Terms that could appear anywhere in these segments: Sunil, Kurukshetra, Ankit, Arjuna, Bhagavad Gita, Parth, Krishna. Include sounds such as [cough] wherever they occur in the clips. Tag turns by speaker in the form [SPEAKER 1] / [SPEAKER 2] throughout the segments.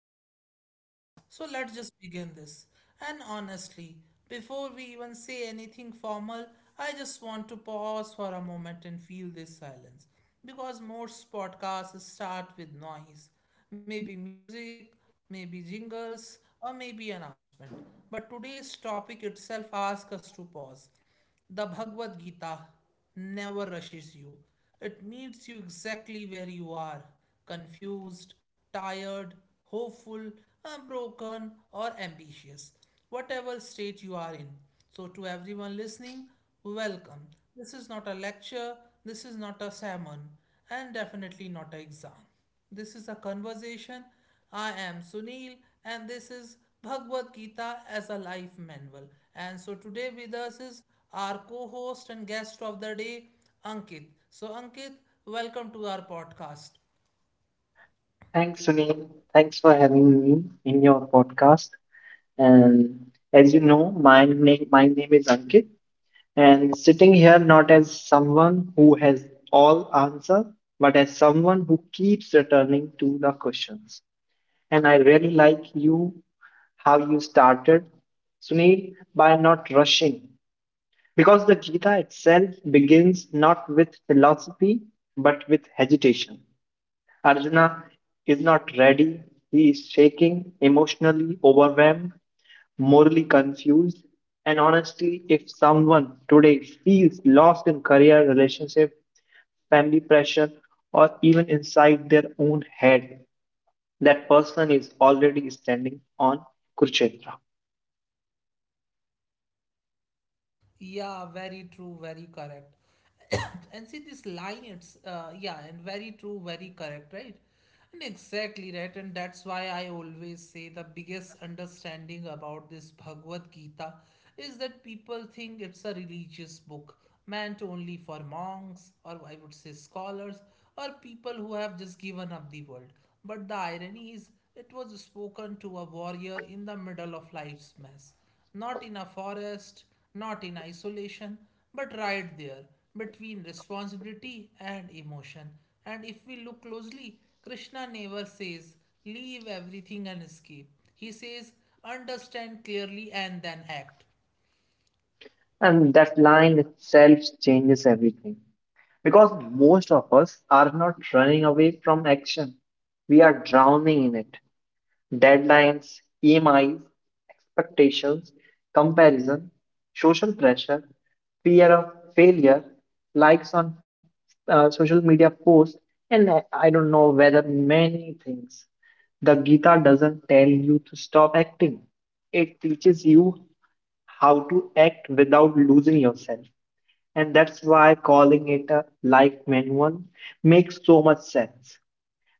[SPEAKER 1] to the podcast. So let's just begin this. And honestly, before we even say anything formal, I just want to pause for a moment and feel this silence. Because most podcasts start with noise, maybe music, maybe jingles, or maybe announcement. But today's topic itself asks us to pause. The Bhagavad Gita never rushes you. It meets you exactly where you are: confused, tired, hopeful, broken, or ambitious, whatever state you are in. So, to everyone listening, welcome. This is not a lecture, this is not a sermon, and definitely not an exam. This is a conversation. I am Sunil, and this is Bhagavad Gita as a life manual. And so today with us is our co-host and guest of the day, Ankit. So Ankit, welcome to our podcast.
[SPEAKER 2] Thanks, Sunil. Thanks for having me in your podcast. And as you know, my name is Ankit, and sitting here not as someone who has all answer, but as someone who keeps returning to the questions. And I really like you how you started, Sunil, by not rushing. Because the Gita itself begins not with philosophy, but with hesitation. Arjuna is not ready. He is shaking, emotionally overwhelmed, morally confused. And honestly, if someone today feels lost in career, relationship, family pressure, or even inside their own head, that person is already standing on Kurukshetra.
[SPEAKER 1] Yeah, very true, very correct. [coughs] And see this line, it's yeah, and very true, very correct, right? And exactly right, and that's why I always say the biggest understanding about this Bhagavad Gita is that people think it's a religious book meant only for monks, or I would say scholars, or people who have just given up the world. But the irony is, it was spoken to a warrior in the middle of life's mess, not in a forest, not in isolation, but right there between responsibility and emotion. And if we look closely, Krishna never says, "Leave everything and escape." He says, "Understand clearly and then act."
[SPEAKER 2] And that line itself changes everything. Because most of us are not running away from action, we are drowning in it. Deadlines, EMIs, expectations, comparison, social pressure, fear of failure, likes on social media posts, and I don't know whether many things. The Gita doesn't tell you to stop acting. It teaches you how to act without losing yourself. And that's why calling it a life manual makes so much sense.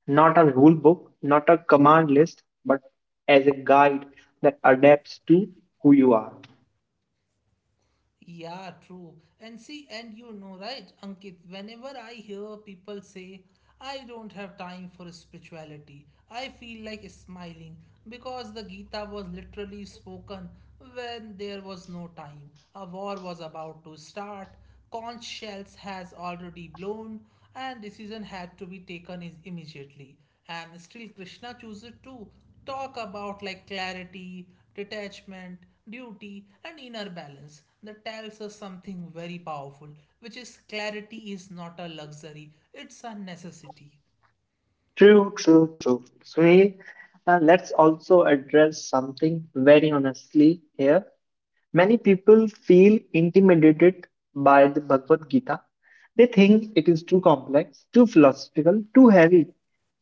[SPEAKER 2] Not a rule book, not a command list, but as a guide that adapts to who you are.
[SPEAKER 1] Yeah, true. And see, and you know, right, Ankit, whenever I hear people say, "I don't have time for spirituality," I feel like smiling, because the Gita was literally spoken when there was no time. A war was about to start, conch shells has already blown, and decision had to be taken is immediately, and still Krishna chooses to talk about like clarity, detachment, duty, and inner balance. That tells us something very powerful, which is clarity is not a luxury, it's a necessity.
[SPEAKER 2] True, true, true. Sunil, let's also address something very honestly here. Many people feel intimidated by the Bhagavad Gita. They think it is too complex, too philosophical, too heavy.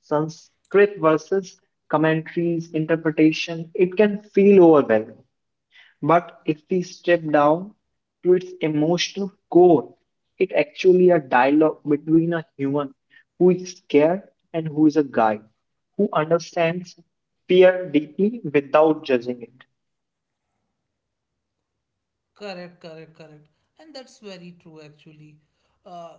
[SPEAKER 2] Sanskrit verses, commentaries, interpretation, it can feel overwhelming. But if we step down to its emotional core, it actually a dialogue between a human who is scared and who is a guide, who understands fear deeply without judging it,
[SPEAKER 1] Correct, correct, correct. And that's very true, actually. Uh,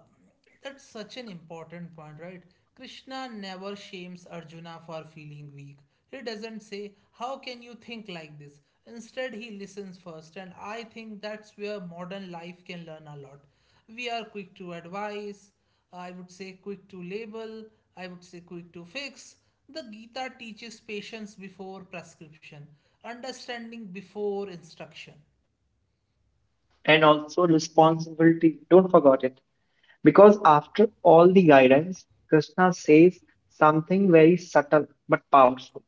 [SPEAKER 1] that's such an important point, right? Krishna never shames Arjuna for feeling weak. He doesn't say, "How can you think like this?" Instead, he listens first, and I think that's where modern life can learn a lot. We are quick to advise, I would say quick to label, I would say quick to fix. The Gita teaches patience before prescription, understanding before instruction.
[SPEAKER 2] and also responsibility. Don't forget it. Because after all the guidance, Krishna says something very subtle but powerful.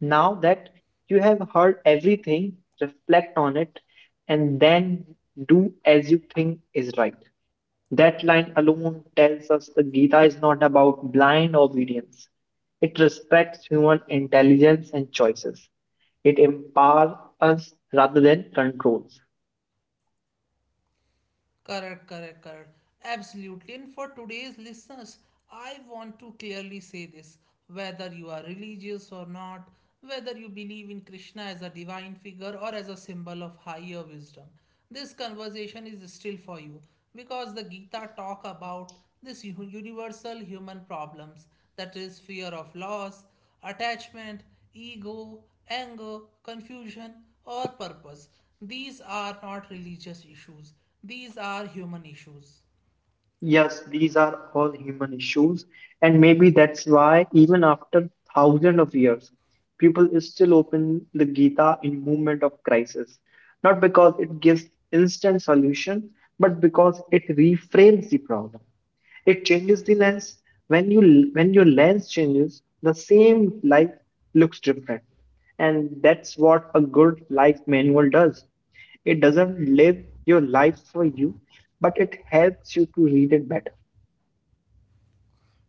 [SPEAKER 2] Now that you have heard everything, reflect on it and then do as you think is right. That line alone tells us the Gita is not about blind obedience. It respects human intelligence and choices. It empowers us rather than controls.
[SPEAKER 1] Correct, correct, correct. Absolutely. And for today's listeners, I want to clearly say this: whether you are religious or not, whether you believe in Krishna as a divine figure or as a symbol of higher wisdom, this conversation is still for you, because the Gita talk about this universal human problems, that is fear of loss, attachment, ego, anger, confusion, or purpose. These are not religious issues, these are human issues.
[SPEAKER 2] Yes, these are all human issues, and maybe that's why, even after thousands of years, people still open the Gita in moment of crisis. Not because it gives instant solution, but because it reframes the problem. It changes the lens. When your lens changes, the same light looks different. And that's what a good life manual does. It doesn't live your life for you, but it helps you to read it better.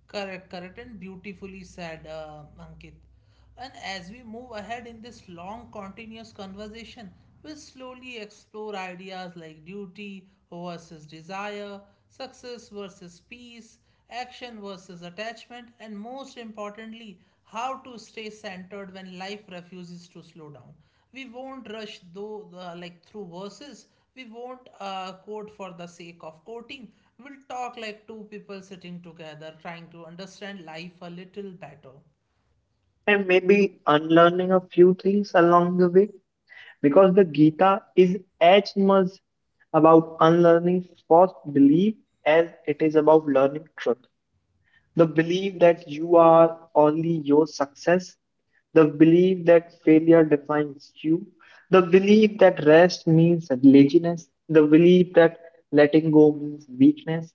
[SPEAKER 1] Correct, correct, and beautifully said, Ankit. And as we move ahead in this long, continuous conversation, we'll slowly explore ideas like duty versus desire, success versus peace, action versus attachment, and most importantly, how to stay centered when life refuses to slow down. We won't rush though like through verses. We won't quote for the sake of quoting. We'll talk like two people sitting together trying to understand life a little better.
[SPEAKER 2] And maybe unlearning a few things along the way, because the Gita is as much about unlearning false belief as it is about learning truth. The belief that you are only your success, the belief that failure defines you, the belief that rest means laziness, the belief that letting go means weakness.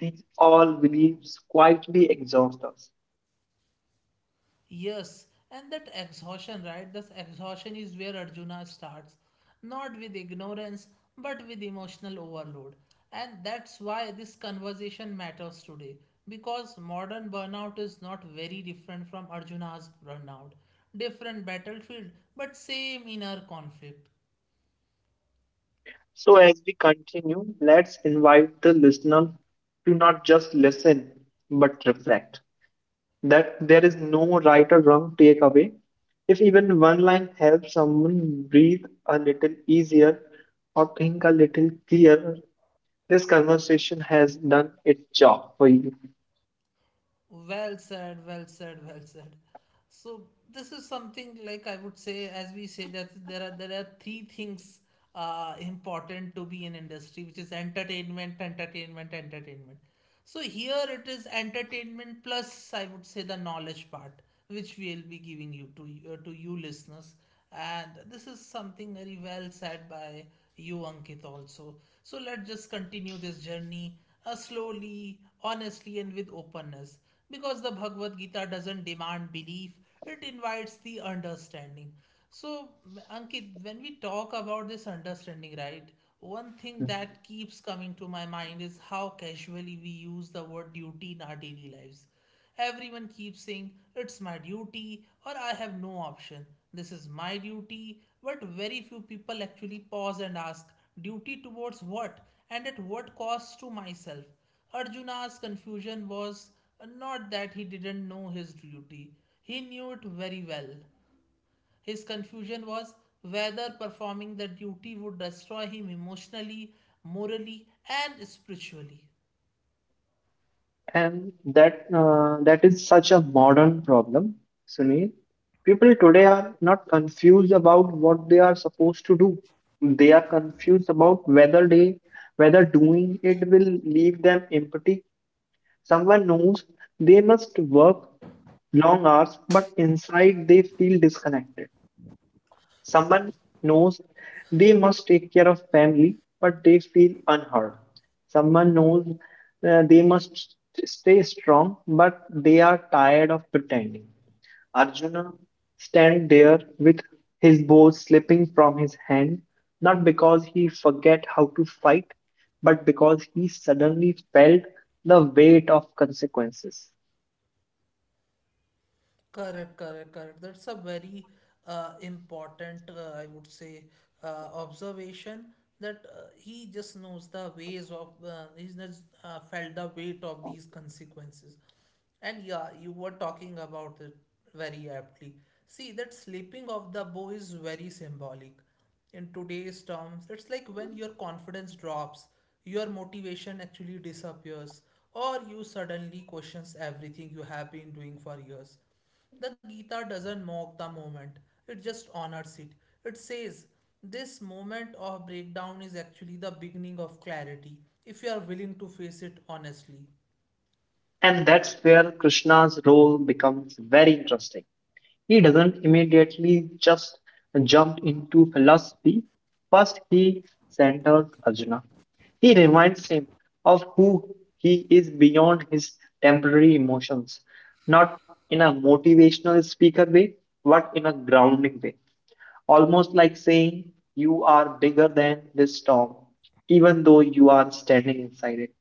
[SPEAKER 2] These all beliefs quietly exhaust us.
[SPEAKER 1] Yes, and that exhaustion, right? This exhaustion is where Arjuna starts, not with ignorance, but with emotional overload. And that's why this conversation matters today, because modern burnout is not very different from Arjuna's burnout. Different battlefield, but same inner conflict.
[SPEAKER 2] So, as we continue, let's invite the listener to not just listen but reflect. That there is no right or wrong takeaway. If even one line helps someone breathe a little easier or think a little clearer, this conversation has done its job for you.
[SPEAKER 1] Well said, well said, well said. So this is something like I would say, as we say that there are three things important to be in industry, which is entertainment, entertainment, entertainment. So here it is entertainment plus I would say the knowledge part, which we'll be giving you to to you listeners, and this is something very well said by you, Ankit, also. So let's just continue this journey slowly, honestly, and with openness, because the Bhagavad Gita doesn't demand belief, it invites the understanding. So, Ankit, when we talk about this understanding, right, one thing that keeps coming to my mind is how casually we use the word duty in our daily lives. Everyone keeps saying, "It's my duty," or "I have no option. This is my duty." But very few people actually pause and ask, duty towards what? And at what cost to myself? Arjuna's confusion was not that he didn't know his duty, he knew it very well. His confusion was whether performing the duty would destroy him emotionally, morally, and spiritually.
[SPEAKER 2] And that is such a modern problem, Sunil. People today are not confused about what they are supposed to do. They are confused about whether doing it will leave them empty. Someone knows they must work long hours, but inside they feel disconnected. Someone knows they must take care of family, but they feel unheard. Someone knows they must stay strong, but they are tired of pretending. Arjuna stand there with his bow slipping from his hand, not because he forget how to fight, but because he suddenly felt the weight of consequences.
[SPEAKER 1] Correct, correct, correct. That's a very important, I would say, observation, that he just knows the ways of, he's just felt the weight of these consequences. And yeah, you were talking about it very aptly. See, that slipping of the bow is very symbolic. In today's terms, it's like when your confidence drops, your motivation actually disappears, or you suddenly questions everything you have been doing for years. The Gita doesn't mock the moment, it just honors it. It says, this moment of breakdown is actually the beginning of clarity if you are willing to face it honestly.
[SPEAKER 2] And that's where Krishna's role becomes very interesting. He doesn't immediately just jump into philosophy. First, he centers Arjuna. He reminds him of who he is beyond his temporary emotions, not in a motivational speaker way, but in a grounding way. Almost like saying, "You are bigger than this storm, even though you are standing inside it."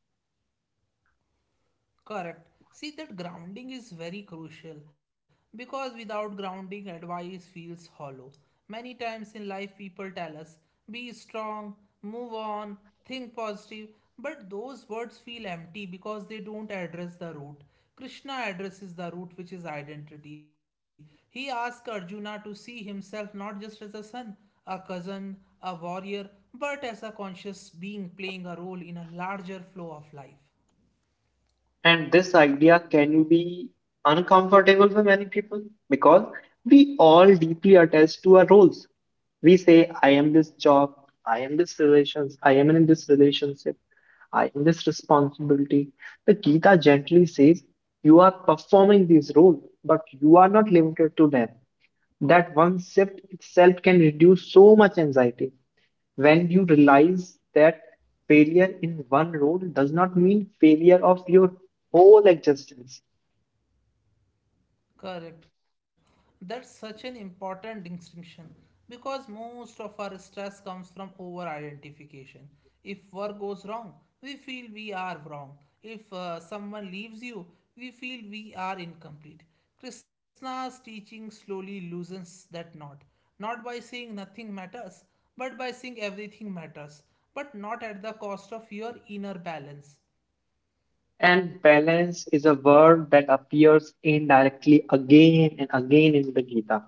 [SPEAKER 1] Correct. See, that grounding is very crucial, because without grounding, advice feels hollow. Many times in life, people tell us, be strong, move on, think positive, but those words feel empty because they don't address the root. Krishna addresses the root, which is identity. He asks Arjuna to see himself not just as a son, a cousin, a warrior, but as a conscious being playing a role in a larger flow of life.
[SPEAKER 2] And this idea can be uncomfortable for many people because we all deeply attach to our roles. We say, "I am this job, I am this relations, I am in this relationship, I am this responsibility." The Gita gently says, "You are performing this role, but you are not limited to them." That one shift itself can reduce so much anxiety, when you realize that failure in one role does not mean failure of your whole existence.
[SPEAKER 1] Correct. That's such an important distinction, because most of our stress comes from over identification. If work goes wrong, we feel we are wrong. If someone leaves you, we feel we are incomplete. Krishna's teaching slowly loosens that knot, not by saying nothing matters, but by saying everything matters, but not at the cost of your inner balance.
[SPEAKER 2] And balance is a word that appears indirectly again and again in the Gita.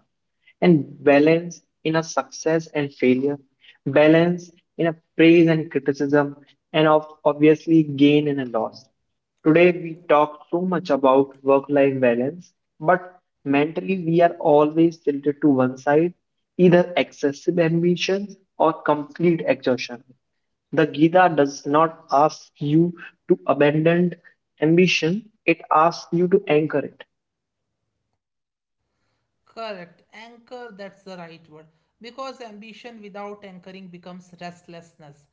[SPEAKER 2] And balance in a success and failure, balance in a praise and criticism, and of obviously gain and a loss. Today we talk so much about work-life balance, but mentally we are always tilted to one side, either excessive ambitions or complete exhaustion. The Gita does not ask you to abandon ambition, it asks you to anchor it.
[SPEAKER 1] Correct. Anchor, that's the right word. Because ambition without anchoring becomes restlessness.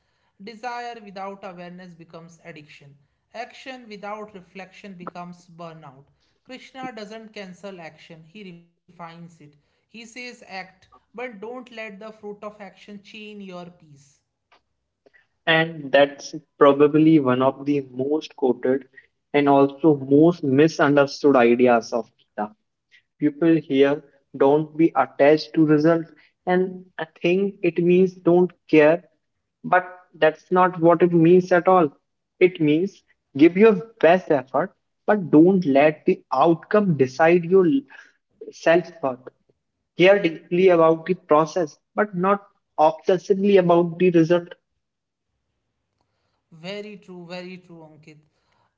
[SPEAKER 1] Desire without awareness becomes addiction. Action without reflection becomes burnout. Krishna doesn't cancel action, he refines it. He says, act, but don't let the fruit of action chain your peace.
[SPEAKER 2] And that's probably one of the most quoted and also most misunderstood ideas of Gita. People here don't be attached to result, and I think it means don't care, but that's not what it means at all. It means give your best effort, but don't let the outcome decide your self worth. Care deeply about the process, but not obsessively about the result.
[SPEAKER 1] Very true, Ankit.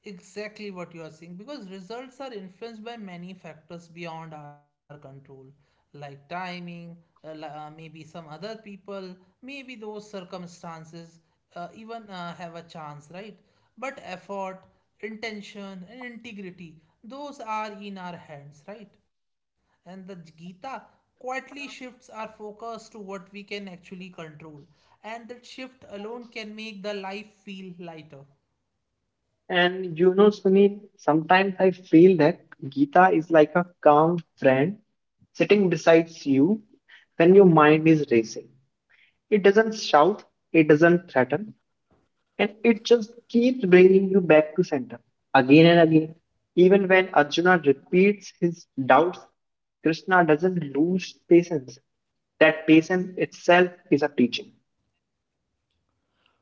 [SPEAKER 1] Exactly what you are saying, because results are influenced by many factors beyond our control, like timing, maybe some other people, maybe those circumstances, even have a chance, right? But effort, intention, and integrity, those are in our hands, right? And the Gita quietly shifts our focus to what we can actually control. And that shift alone can make the life feel lighter.
[SPEAKER 2] And you know, Sunil, sometimes I feel that Gita is like a calm friend sitting beside you when your mind is racing. It doesn't shout, it doesn't threaten, and it just keeps bringing you back to center again and again. Even when Arjuna repeats his doubts, Krishna doesn't lose patience. That patience itself is a teaching,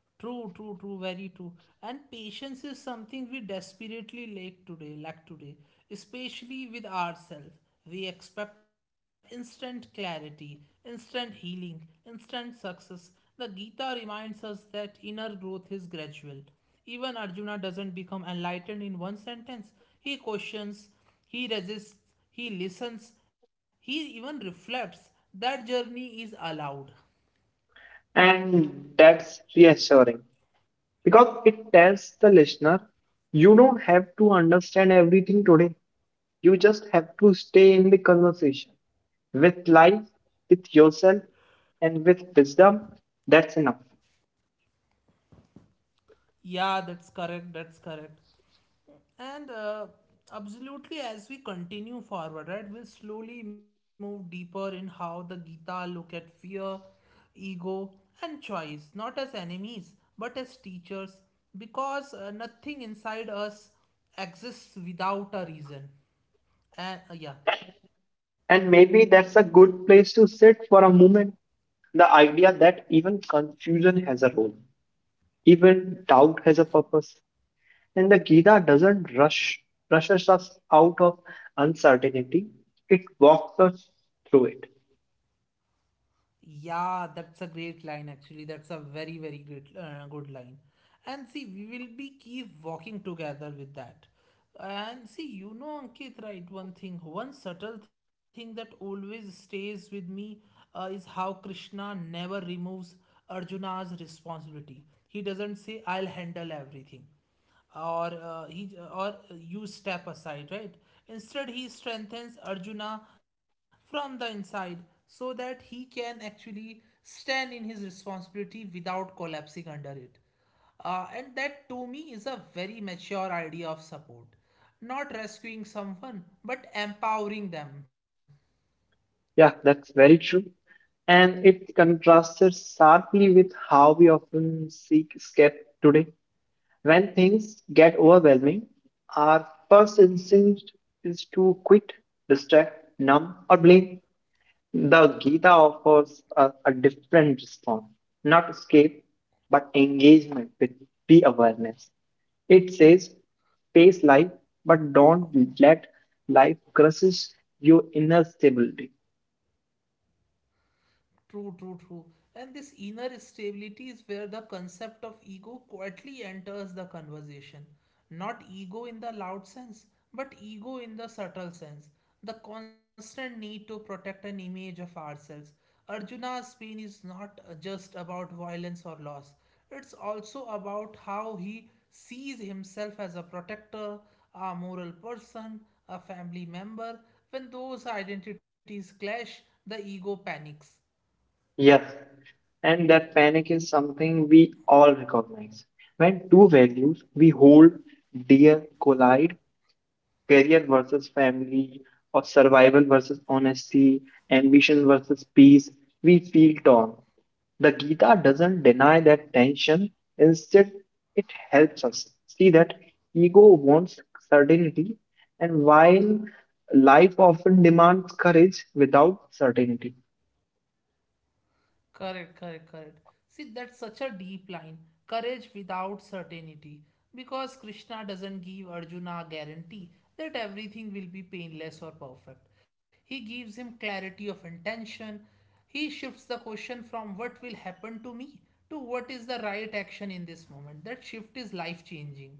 [SPEAKER 1] True, true, true, very true. And patience is something we desperately lack today, especially with ourselves. We expect instant clarity, instant healing, instant success. The Gita reminds us that inner growth is gradual. Even Arjuna doesn't become enlightened in one sentence. He questions, he resists, he listens, he even reflects. That journey is allowed.
[SPEAKER 2] and that's reassuring, because it tells the listener you don't have to understand everything today. You just have to stay in the conversation with life, with yourself, and with wisdom. That's enough.
[SPEAKER 1] Yeah, that's correct, that's correct. And absolutely, as we continue forward, right, we'll slowly move deeper in how the Gita look at fear, ego, and choice, not as enemies, but as teachers, because nothing inside us exists without a reason. And yeah.
[SPEAKER 2] And maybe that's a good place to sit for a moment. The idea that even confusion has a role, even doubt has a purpose, and the Gita doesn't rush rushes us out of uncertainty. It walks us through it.
[SPEAKER 1] Yeah, that's a great line actually. That's a very, very great, good line. And see, we will be keep walking together with that. And see, you know, Ankit, right? One thing, one subtle thing that always stays with me is how Krishna never removes Arjuna's responsibility. He doesn't say, "I'll handle everything," or he or "you step aside," right? Instead, he strengthens Arjuna from the inside, so that he can actually stand in his responsibility without collapsing under it. And that to me is a very mature idea of support, not rescuing someone but empowering them.
[SPEAKER 2] Yeah, that's very true. And it contrasted sharply with how we often seek escape today. When things get overwhelming, our first instinct is to quit, distract, numb, or blame. The Gita offers a different response, not escape, but engagement with the awareness. It says, face life, but don't let life crushes your inner stability.
[SPEAKER 1] True, true, true. And this inner stability is where the concept of ego quietly enters the conversation. Not ego in the loud sense, but ego in the subtle sense. The constant need to protect an image of ourselves. Arjuna's pain is not just about violence or loss, it's also about how he sees himself as a protector, a moral person, a family member. When those identities clash, the ego panics.
[SPEAKER 2] Yes, and that panic is something we all recognize. When two values we hold dear collide, career versus family, or survival versus honesty, ambition versus peace, we feel torn. The Gita doesn't deny that tension, instead, it helps us see that ego wants certainty, and while life often demands courage without certainty.
[SPEAKER 1] Correct, correct, correct. See, that's such a deep line. Courage without certainty. Because Krishna doesn't give Arjuna a guarantee that everything will be painless or perfect. He gives him clarity of intention. He shifts the question from what will happen to me to what is the right action in this moment. That shift is life changing.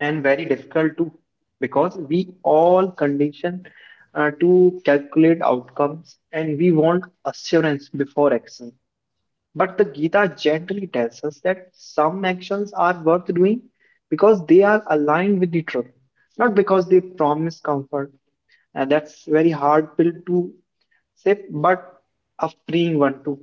[SPEAKER 2] And very difficult too, because we all condition to calculate outcomes and we want assurance before action, but the Gita gently tells us that some actions are worth doing because they are aligned with the truth, not because they promise comfort. And that's very hard pill to sip, but a freeing one too.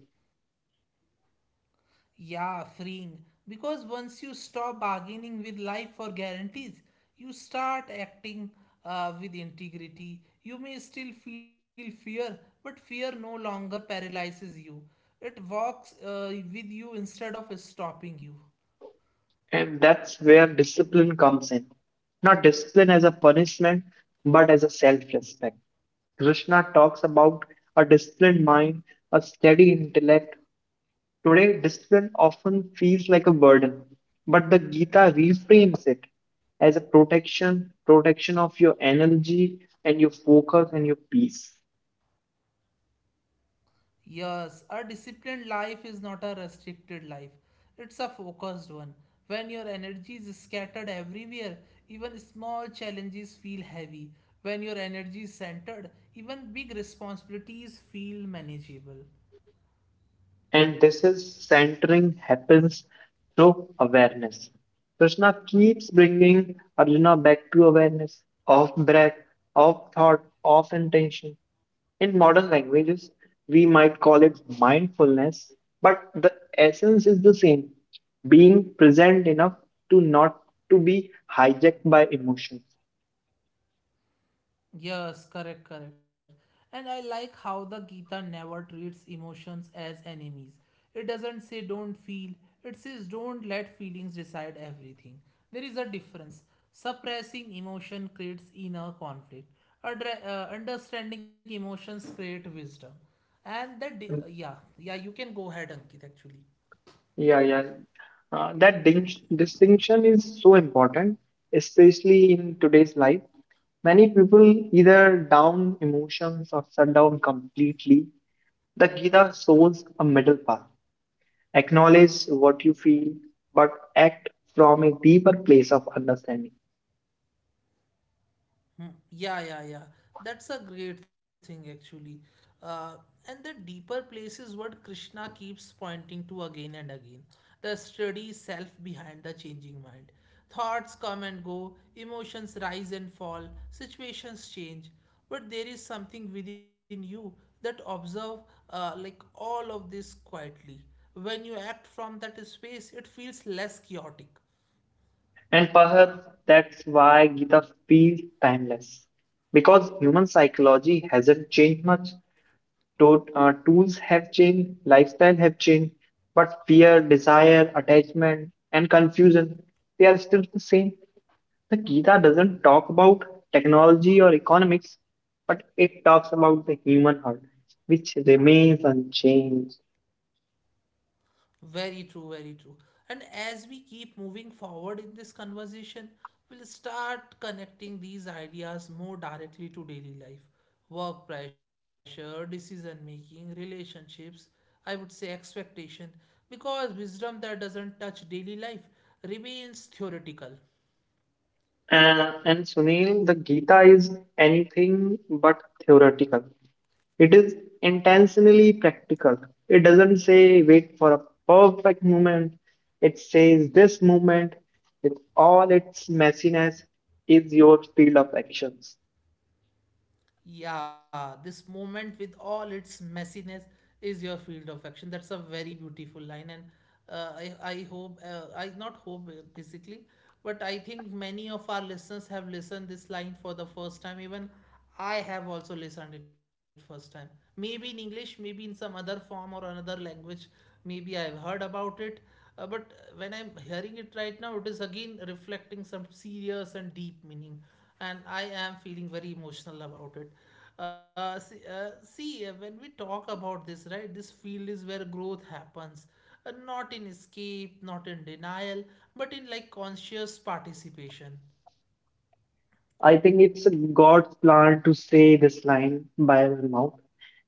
[SPEAKER 1] Yeah, freeing. Because once you stop bargaining with life for guarantees, you start acting with integrity. You may still feel fear, but fear no longer paralyzes you. It walks with you instead of stopping you.
[SPEAKER 2] And that's where discipline comes in. Not discipline as a punishment, but as a self respect. Krishna talks about a disciplined mind, a steady intellect. Today, discipline often feels like a burden, but the Gita reframes it as a protection, protection of your energy and your focus and your peace.
[SPEAKER 1] Yes, a disciplined life is not a restricted life. It's a focused one. When your energy is scattered everywhere, even small challenges feel heavy. When your energy is centered, even big responsibilities feel manageable.
[SPEAKER 2] And this is centering happens through awareness. Krishna keeps bringing Arjuna back to awareness of breath, of thought, of intention. In modern languages, we might call it mindfulness, but the essence is the same, being present enough to not to be hijacked by emotions.
[SPEAKER 1] Yes, correct, correct. And I like how the Gita never treats emotions as enemies. It doesn't say don't feel, it says don't let feelings decide everything. There is a difference. Suppressing emotion creates inner conflict, understanding emotions create wisdom. And that, you can go ahead, Ankit, actually.
[SPEAKER 2] Yeah, yeah. That distinction is so important, especially in today's life. Many people either down emotions or shut down completely. The Gita shows a middle path. Acknowledge what you feel, but act from a deeper place of understanding.
[SPEAKER 1] Hmm. Yeah, yeah, yeah. That's a great thing, actually. Uh, and the deeper place is what Krishna keeps pointing to again and again, the sturdy self behind the changing mind. Thoughts come and go, emotions rise and fall, situations change. But there is something within you that observe like all of this quietly. When you act from that space, it feels less chaotic.
[SPEAKER 2] And perhaps that's why Gita feels timeless, because human psychology hasn't changed much. Tools have changed, lifestyle have changed, but fear, desire, attachment, and confusion, they are still the same. The Gita doesn't talk about technology or economics, but it talks about the human heart, which remains unchanged.
[SPEAKER 1] Very true, very true. And as we keep moving forward in this conversation, we'll start connecting these ideas more directly to daily life, work pressure, decision making, relationships, I would say expectation, because wisdom that doesn't touch daily life remains theoretical.
[SPEAKER 2] And Sunil, the Gita is anything but theoretical. It is intentionally practical. It doesn't say wait for a perfect moment. It says this moment, with all its messiness, is your field of actions.
[SPEAKER 1] Yeah, this moment with all its messiness is your field of action. That's a very beautiful line, and I not hope, basically, but I think many of our listeners have listened this line for the first time. Even I have also listened it first time. Maybe in English, maybe in some other form or another language. Maybe I've heard about it, but when I'm hearing it right now, it is again reflecting some serious and deep meaning and I am feeling very emotional about it. See, when we talk about this, right, this field is where growth happens, not in escape, not in denial, but in like conscious participation.
[SPEAKER 2] I think it's God's plan to say this line by our mouth,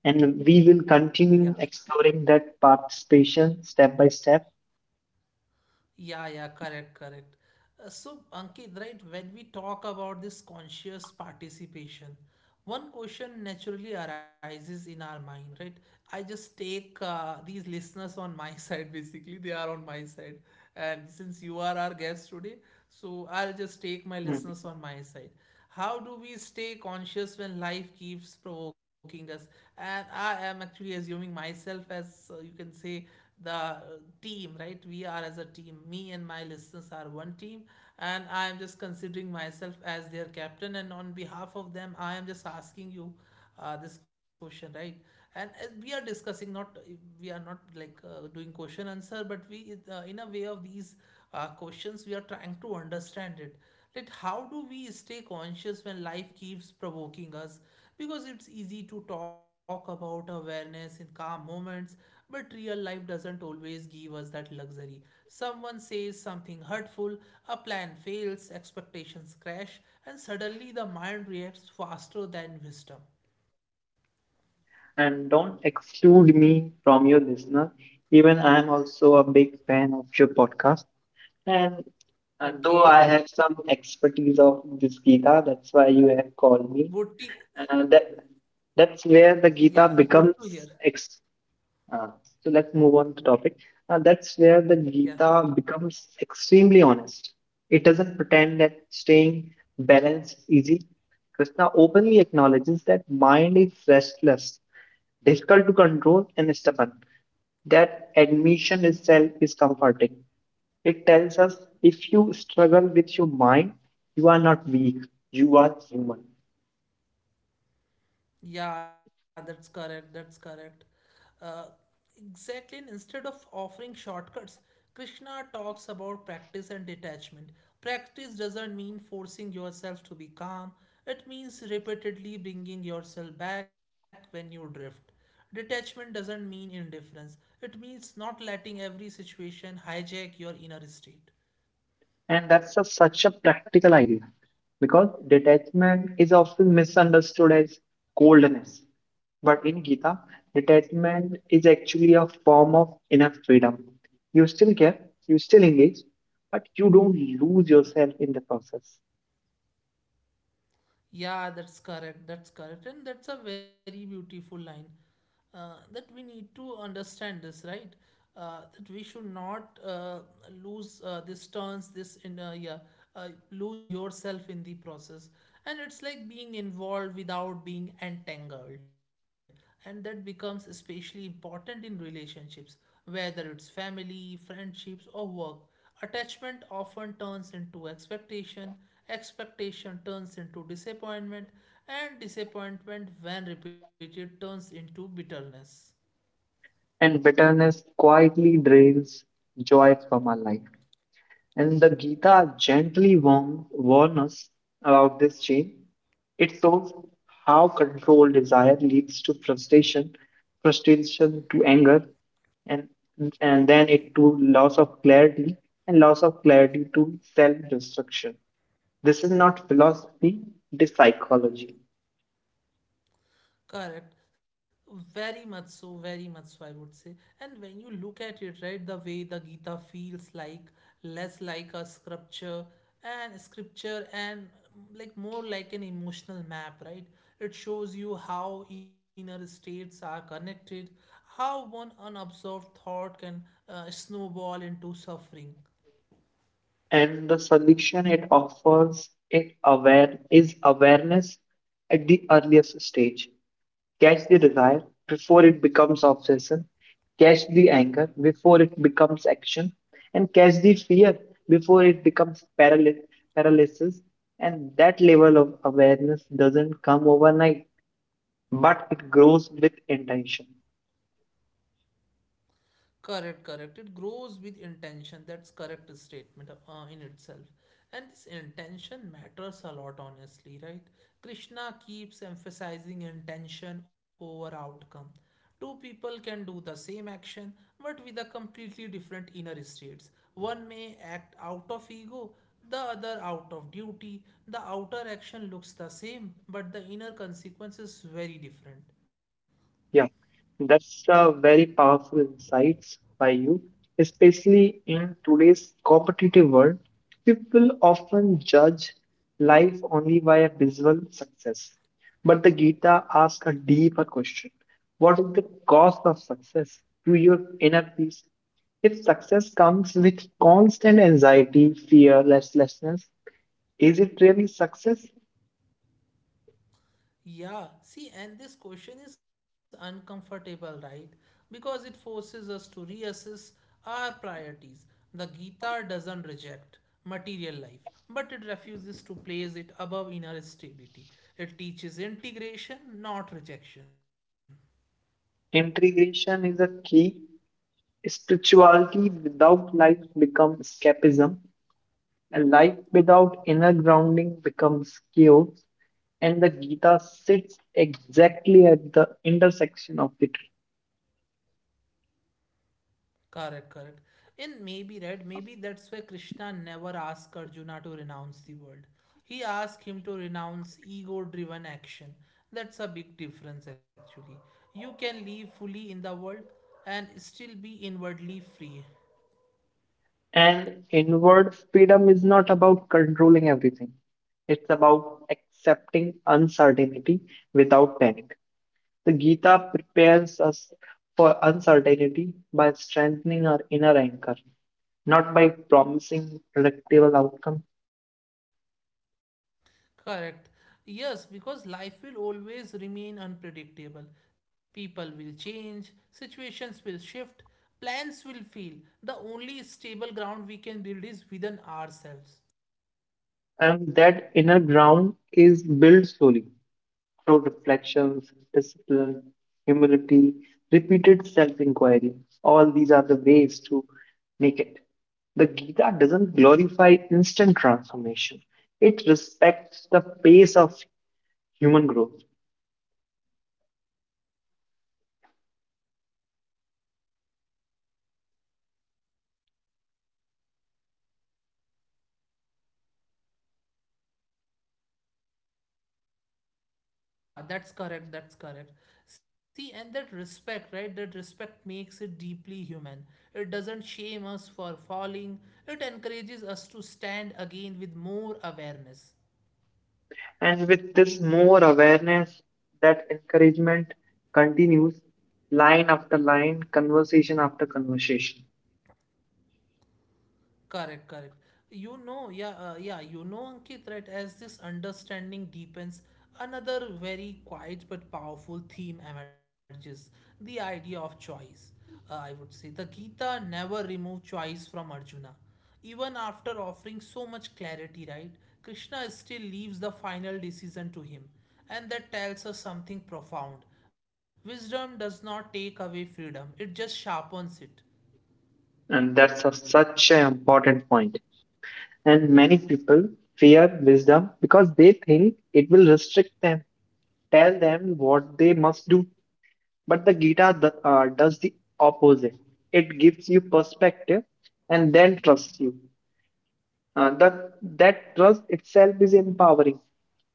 [SPEAKER 2] and we will
[SPEAKER 1] Yeah.
[SPEAKER 2] continue exploring that participation step by step.
[SPEAKER 1] Yeah, yeah, correct, correct. So, Ankit, right, when we talk about this conscious participation, one question naturally arises in our mind, right? I just take these listeners on my [laughs] side, basically. They are on my side. And since you are our guest today, so I'll just take my listeners
[SPEAKER 2] Mm.
[SPEAKER 1] on my side. How do we stay conscious when life keeps provoking us? And I am actually assuming myself as you can say the team, right? We are as a team. Me and my listeners are one team, and I am just considering myself as their captain. And on behalf of them, I am just asking you this question, right? And as we are discussing, not we are not like doing question answer, but we, in a way of these questions, we are trying to understand it. Like, how do we stay conscious when life keeps provoking us? Because it's easy to talk about awareness in calm moments, but real life doesn't always give us that luxury. Someone says something hurtful, a plan fails, expectations crash, and suddenly the mind reacts faster than wisdom.
[SPEAKER 2] And don't exclude me from your listener. Even I'm also a big fan of your podcast. And though
[SPEAKER 1] Okay,
[SPEAKER 2] I have some expertise of this Gita, that's why you have called me.
[SPEAKER 1] good.
[SPEAKER 2] Uh, that that's where the
[SPEAKER 1] Yeah, good
[SPEAKER 2] Gita
[SPEAKER 1] to hear.
[SPEAKER 2] becomes ex. Uh, so let's move on to topic. That's where the
[SPEAKER 1] Yeah.
[SPEAKER 2] Gita becomes extremely honest. It doesn't pretend that staying balanced is easy. Krishna openly acknowledges that mind is restless, difficult to control, and stubborn. That admission itself is comforting. It tells us if you struggle with your mind, you are not weak, you are human.
[SPEAKER 1] Yeah, that's correct. That's correct. Uh, exactly. And instead of offering shortcuts, Krishna talks about practice and detachment. Practice doesn't mean forcing yourself to be calm, it means repeatedly bringing yourself back when you drift. Detachment doesn't mean indifference, it means not letting every situation hijack your inner state.
[SPEAKER 2] And that's such a practical idea, because detachment is often misunderstood as coldness. But in Gita, detachment is actually a form of inner freedom. You still care, you still engage, but you don't lose yourself in the process.
[SPEAKER 1] Yeah, that's correct. That's correct. And that's a very beautiful line that we need to understand this, right? That we should not lose this turns, this in yeah, lose yourself in the process. And it's like being involved without being entangled. And that becomes especially important in relationships, whether it's family, friendships, or work. Attachment often turns into expectation, expectation turns into disappointment, and disappointment, when repeated, turns into bitterness.
[SPEAKER 2] And bitterness quietly drains joy from our life. And the Gita gently warn us about this chain. It shows how control desire leads to frustration, frustration to anger, and and then it to loss of clarity, and loss of clarity to self-destruction. This is not philosophy, it is psychology.
[SPEAKER 1] Correct. Very much so, very much so, I would say. And when you look at it, right, the way the Gita feels like less like a scripture, like more like an emotional map, right? It shows you how inner states are connected, how one unobserved thought can snowball into suffering.
[SPEAKER 2] And the solution it offers it aware is awareness at the earliest stage. Catch the desire before it becomes obsession. Catch the anger before it becomes action. And catch the fear before it becomes paralysis. And that level of awareness doesn't come overnight, but it grows with intention.
[SPEAKER 1] Correct, correct. It grows with intention. That's correct statement in itself. And this intention matters a lot, honestly, right? Krishna keeps emphasizing intention over outcome. Two people can do the same action, but with a completely different inner states. One may act out of ego, the other out of duty. The outer action looks the same, but the inner consequence is very different.
[SPEAKER 2] Yeah, that's a very powerful insights by you, especially in today's competitive world. People often judge life only by a visual success. But the Gita asks a deeper question. What is the cost of success to your inner peace? If success comes with constant anxiety, fear, restlessness, is it really success?
[SPEAKER 1] Yeah, see, and this question is uncomfortable, right? Because it forces us to reassess our priorities. The Gita doesn't reject material life, but it refuses to place it above inner stability. It teaches integration, not rejection.
[SPEAKER 2] Integration is a key. Spirituality without life becomes escapism, and life without inner grounding becomes chaos. And the Gita sits exactly at the intersection of the two.
[SPEAKER 1] Correct, correct. In maybe, right, maybe that's why Krishna never asked Arjuna to renounce the world. He asked him to renounce ego driven action. That's a big difference, actually. You can live fully in the world and still be inwardly free.
[SPEAKER 2] And inward freedom is not about controlling everything, it's about accepting uncertainty without panic. The Gita prepares us for uncertainty by strengthening our inner anchor, not by promising predictable outcomes.
[SPEAKER 1] Correct. Yes, because life will always remain unpredictable. People will change, situations will shift, plans will fail. The only stable ground we can build is within ourselves.
[SPEAKER 2] And that inner ground is built slowly through reflections, discipline, humility, repeated self inquiry. All these are the ways to make it. The Gita doesn't glorify instant transformation, it respects the pace of human growth.
[SPEAKER 1] Yeah, that's correct. That's correct. See, and that respect, right? That respect makes it deeply human. It doesn't shame us for falling, it encourages us to stand again with more awareness.
[SPEAKER 2] And with this more awareness, that encouragement continues line after line, conversation after conversation.
[SPEAKER 1] Correct, correct. You know, yeah, you know, Ankit, right? As this understanding deepens, another very quiet but powerful theme emerges, the idea of choice. I would say the Gita never removed choice from Arjuna. Even after offering so much clarity, right? Krishna still leaves the final decision to him. And that tells us something profound. Wisdom does not take away freedom, it just sharpens it.
[SPEAKER 2] And that's a, such an important point. And many people fear wisdom because they think it will restrict them, tell them what they must do. But the Gita does the opposite. It gives you perspective and then trusts you. Uh, that, that trust itself is empowering.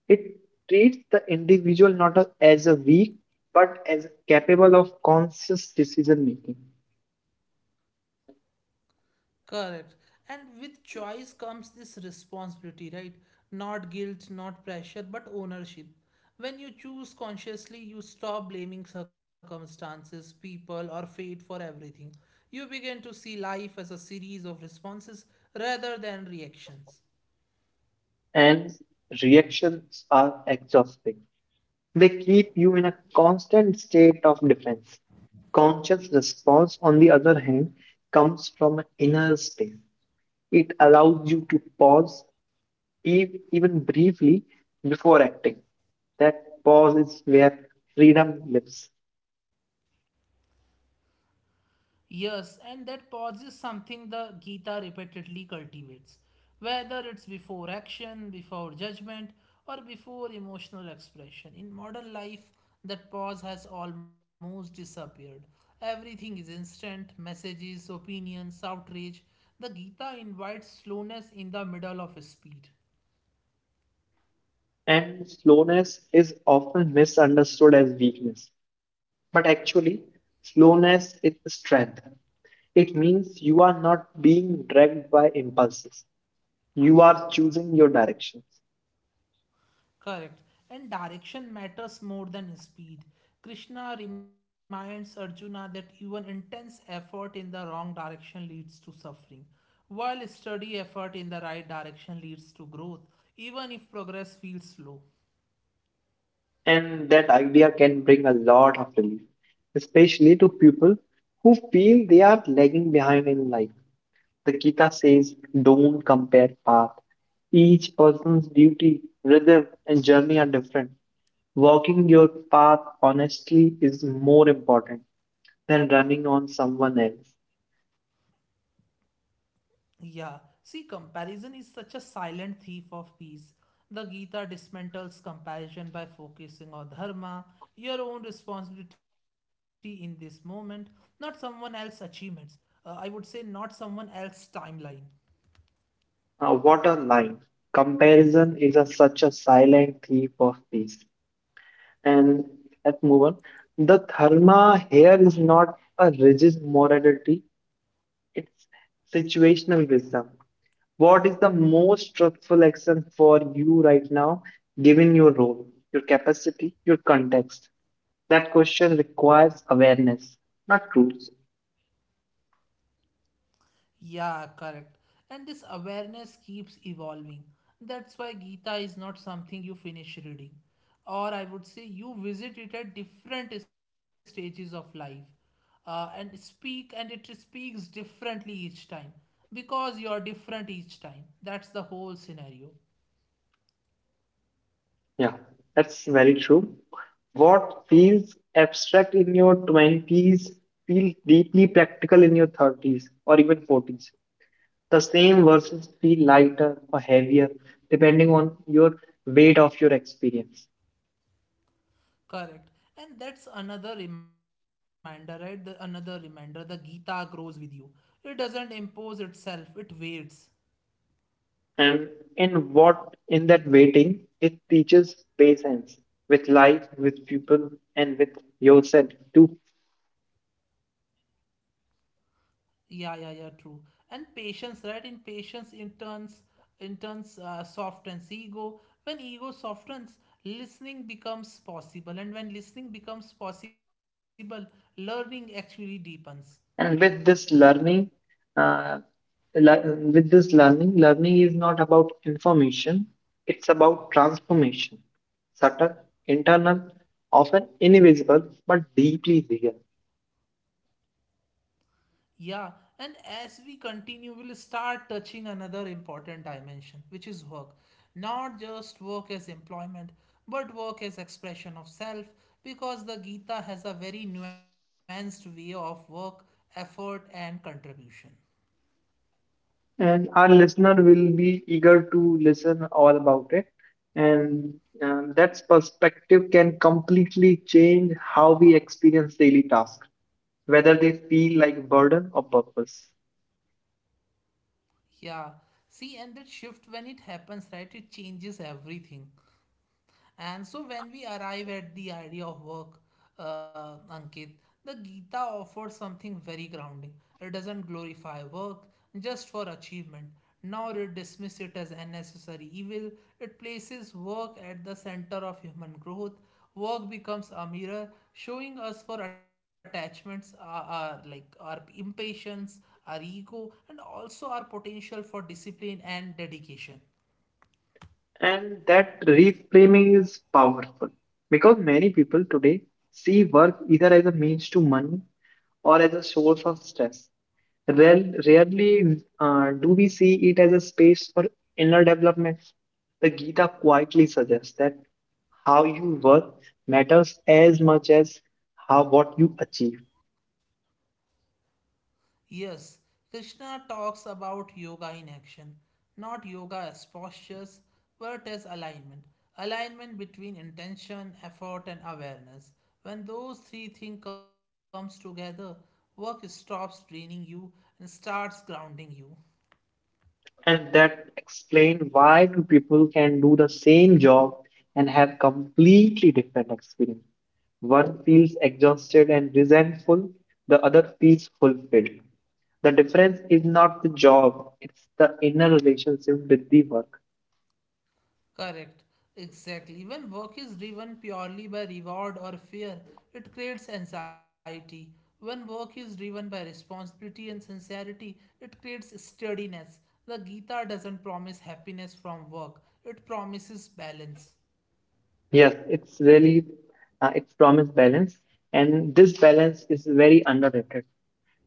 [SPEAKER 2] It treats the individual not as a weak, but as capable of conscious decision making.
[SPEAKER 1] Correct. And with choice comes this responsibility, right? Not guilt, not pressure, but ownership. When you choose consciously, you stop blaming circumstances, people, or fate for everything. You begin to see life as a series of responses rather than reactions.
[SPEAKER 2] And reactions are exhausting. They keep you in a constant state of defense. Conscious response, on the other hand, comes from an inner space. It allows you to pause, even briefly, before acting. That pause is where freedom lives.
[SPEAKER 1] Yes, and that pause is something the Gita repeatedly cultivates, whether it's before action, before judgment, or before emotional expression. In modern life, that pause has almost disappeared. Everything is instant messages, opinions, outrage. The Gita invites slowness in the middle of speed.
[SPEAKER 2] And slowness is often misunderstood as weakness. But actually, slowness is strength. It means you are not being dragged by impulses. You are choosing your direction.
[SPEAKER 1] Correct. And direction matters more than speed. Krishna reminds Arjuna that even intense effort in the wrong direction leads to suffering, while steady effort in the right direction leads to growth, even if progress feels slow.
[SPEAKER 2] And that idea can bring a lot of relief, especially to people who feel they are lagging behind in life. The Gita says, don't compare path. Each person's duty, rhythm, and journey are different. Walking your path honestly is more important than running on someone else.
[SPEAKER 1] Yeah, see, comparison is such a silent thief of peace. The Gita dismantles comparison by focusing on dharma, your own responsibility in this moment, not someone else's achievements. I would say, not someone else's timeline.
[SPEAKER 2] What a line. Comparison is a, such a silent thief of peace. And let's move on. The dharma here is not a rigid morality, it's situational wisdom. What is the most truthful action for you right now, given your role, your capacity, your context? That question requires awareness, not rules.
[SPEAKER 1] Yeah, correct. And this awareness keeps evolving. That's why Gita is not something you finish reading. Or I would say you visit it at different stages of life and it speaks differently each time because you are different each time. That's the whole scenario.
[SPEAKER 2] Yeah, that's very true. What feels abstract in your 20s feels deeply practical in your 30s or even 40s. The same verses feel lighter or heavier depending on your weight of your experience.
[SPEAKER 1] Correct. And that's another reminder, right? The, another reminder the Gita grows with you. It doesn't impose itself, it waits.
[SPEAKER 2] And in what in that weighting, it teaches patience with life, with people, and with yourself too.
[SPEAKER 1] Yeah, yeah, yeah, true. And patience, right? In patience, in turns, softens ego. When ego softens, listening becomes possible. And when listening becomes possible, learning actually deepens.
[SPEAKER 2] And with this learning, uh, learning is not about information; it's about transformation subtle, internal, often invisible, but deeply real.
[SPEAKER 1] Yeah, and as we continue, we'll start touching another important dimension, which is work. Not just work as employment, but work as expression of self, because the Gita has a very nuanced way of work, effort, and contribution.
[SPEAKER 2] And our listener will be eager to listen all about it. And that perspective can completely change how we experience daily tasks, whether they feel like burden or purpose.
[SPEAKER 1] Yeah, see, and that shift when it happens, right, it changes everything. And so when we arrive at the idea of work, Ankit, the Gita offers something very grounding. It doesn't glorify work just for achievement, nor it dismisses it as unnecessary evil. It places work at the center of human growth. Work becomes a mirror showing us for attachments, our like our impatience, our ego, and also our potential for discipline and dedication.
[SPEAKER 2] And that reframing is powerful because many people today see work either as a means to money or as a source of stress. Rarely do we see it as a space for inner development. The Gita quietly suggests that how you work matters as much as how what you achieve.
[SPEAKER 1] Yes, Krishna talks about yoga in action, not yoga as postures, but as alignment. Alignment between intention, effort, and awareness. When those three things comes together, work stops draining you and starts grounding you.
[SPEAKER 2] And that explains why two people can do the same job and have completely different experience. One feels exhausted and resentful, the other feels fulfilled. The difference is not the job, it's the inner relationship with the work.
[SPEAKER 1] Correct. Exactly. When work is driven purely by reward or fear, it creates anxiety. When work is driven by responsibility and sincerity, it creates steadiness. The Gita doesn't promise happiness from work, it promises balance.
[SPEAKER 2] Yes, it's really it's promised balance, and this balance is very underrated.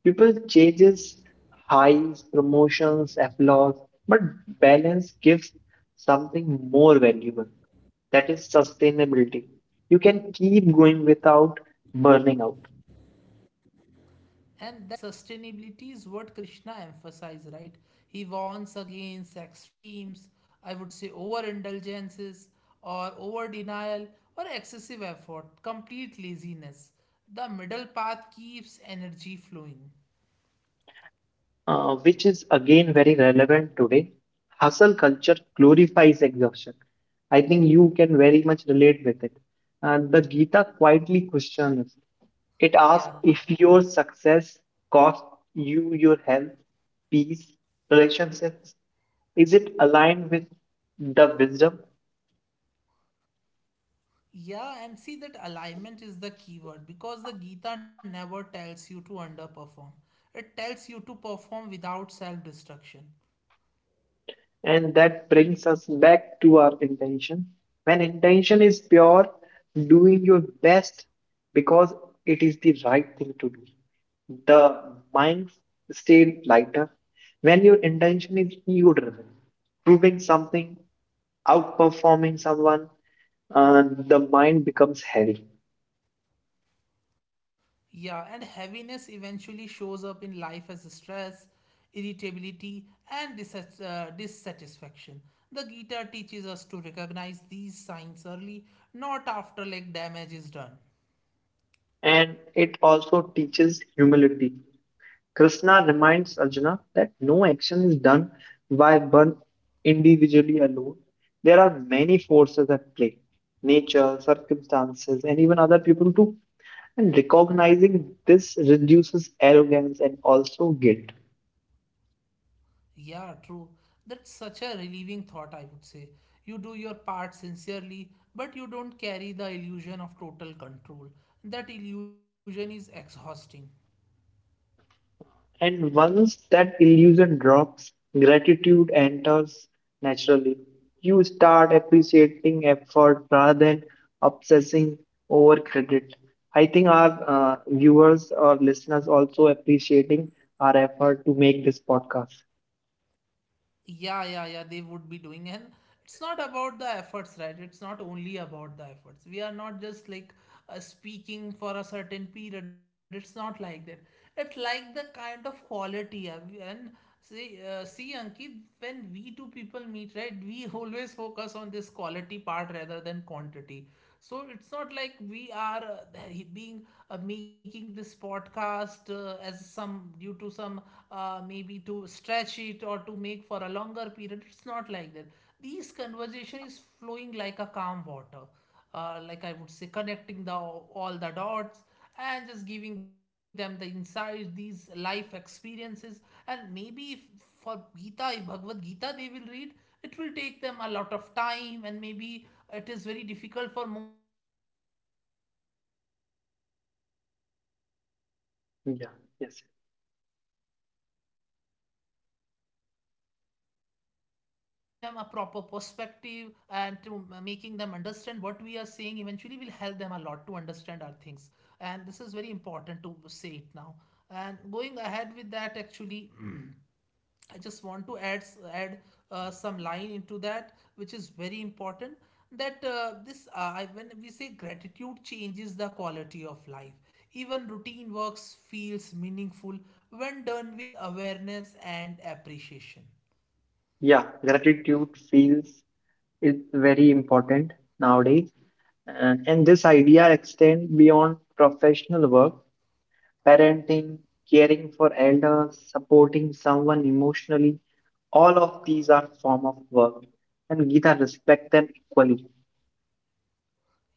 [SPEAKER 2] People changes highs, promotions, applause, but balance gives something more valuable. That is sustainability. You can keep going without burning out,
[SPEAKER 1] And that sustainability is what Krishna emphasized, right? He warns against extremes, I would say overindulgences or over denial or excessive effort, complete laziness. The middle path keeps energy flowing.
[SPEAKER 2] which is again very relevant today. Hustle culture glorifies exhaustion. I think you can very much relate with it. The Gita quietly questions. It asks
[SPEAKER 1] Yeah.
[SPEAKER 2] if your success costs you your health, peace, relationships. Is it aligned with the wisdom?
[SPEAKER 1] Yeah, and see that alignment is the key word because the Gita never tells you to underperform. It tells you to perform without self destruction.
[SPEAKER 2] And that brings us back to our intention. When intention is pure, doing your best because it is the right thing to do. The mind stays lighter. When your intention is ego driven, proving something, outperforming someone, the mind becomes heavy.
[SPEAKER 1] Yeah, and heaviness eventually shows up in life as stress, irritability, and dissatisfaction. The Gita teaches us to recognize these signs early, not after like damage is done.
[SPEAKER 2] And it also teaches humility. Krishna reminds Arjuna that no action is done by one individually alone. There are many forces at play, nature, circumstances, and even other people too. And recognizing this reduces arrogance and also guilt.
[SPEAKER 1] Yeah, true. That's such a relieving thought, I would say. You do your part sincerely, but you don't carry the illusion of total control. That illusion is exhausting.
[SPEAKER 2] And once that illusion drops, gratitude enters naturally. You start appreciating effort rather than obsessing over credit. I think our viewers or listeners also appreciating our effort to make this podcast.
[SPEAKER 1] Yeah, yeah, yeah, they would be doing. And it's not about the efforts, right? It's not only about the efforts. We are not just like speaking for a certain period. It's not like that. It's like the kind of quality, and see, see Ankit, when we two people meet, right, we [laughs] always focus on this quality part rather than quantity. So it's not like we are being making this podcast as some due to some maybe to stretch it or to make for a longer period. It's not like that. These conversation is flowing like a calm water, like I would say, connecting the all the dots and just giving them the insight, these life experiences. And maybe if, for Gita, if Bhagavad Gita they will read, it will take them a lot of time, and maybe it is very difficult for most of them because our audience belongs to like outside India also. So maybe it's
[SPEAKER 2] Yeah,
[SPEAKER 1] very
[SPEAKER 2] yes.
[SPEAKER 1] difficult for them to understand them. But giving them a proper perspective and to making them understand what we are saying eventually will help them a lot to understand our things, and this is very important to say it now and going ahead with that actually. [clears throat] I just want to add add some line into that, which is very important. That this when we say gratitude changes the quality of life, even routine works feels meaningful when done with awareness and appreciation.
[SPEAKER 2] Yeah, gratitude feels is very important nowadays. And this idea extends beyond professional work. Parenting, caring for elders, supporting someone emotionally. All of these are form of work, and Gita respect them equally.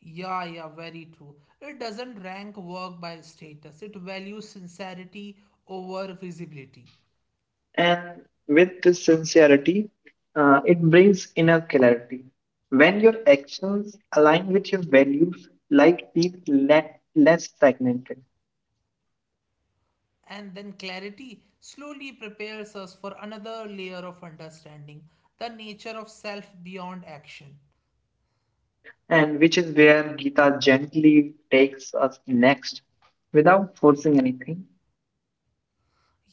[SPEAKER 1] Yeah, yeah, very true. It doesn't rank work by status. It values sincerity over visibility.
[SPEAKER 2] And with this sincerity, it brings inner clarity. When your actions align with your values, life feels less fragmented,
[SPEAKER 1] And then clarity slowly prepares us for another layer of understanding the nature of self beyond action.
[SPEAKER 2] and which is where Gita gently takes us next without forcing anything.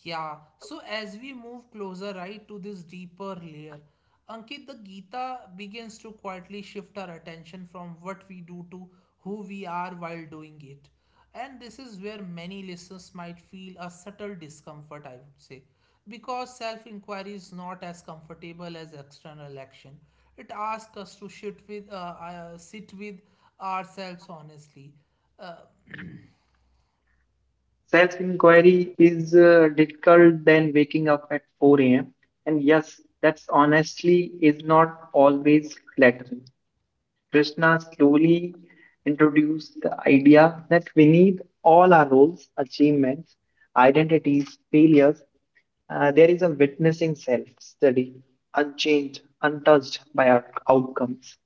[SPEAKER 1] Yeah, so as we move closer, right, to this deeper layer, Ankit, the Gita begins to quietly shift our attention from what we do to who we are while doing it. And this is where many listeners might feel a subtle discomfort, I would say, because self inquiry is not as comfortable as external action. It asks us to sit with ourselves honestly. Uh,
[SPEAKER 2] Self-inquiry is difficult than waking up at 4 a.m. And yes, that's honestly is not always flattering. Krishna slowly introduced the idea that we need all our roles, achievements, identities, failures. There is a witnessing self-study, unchanged, untouched by our outcomes.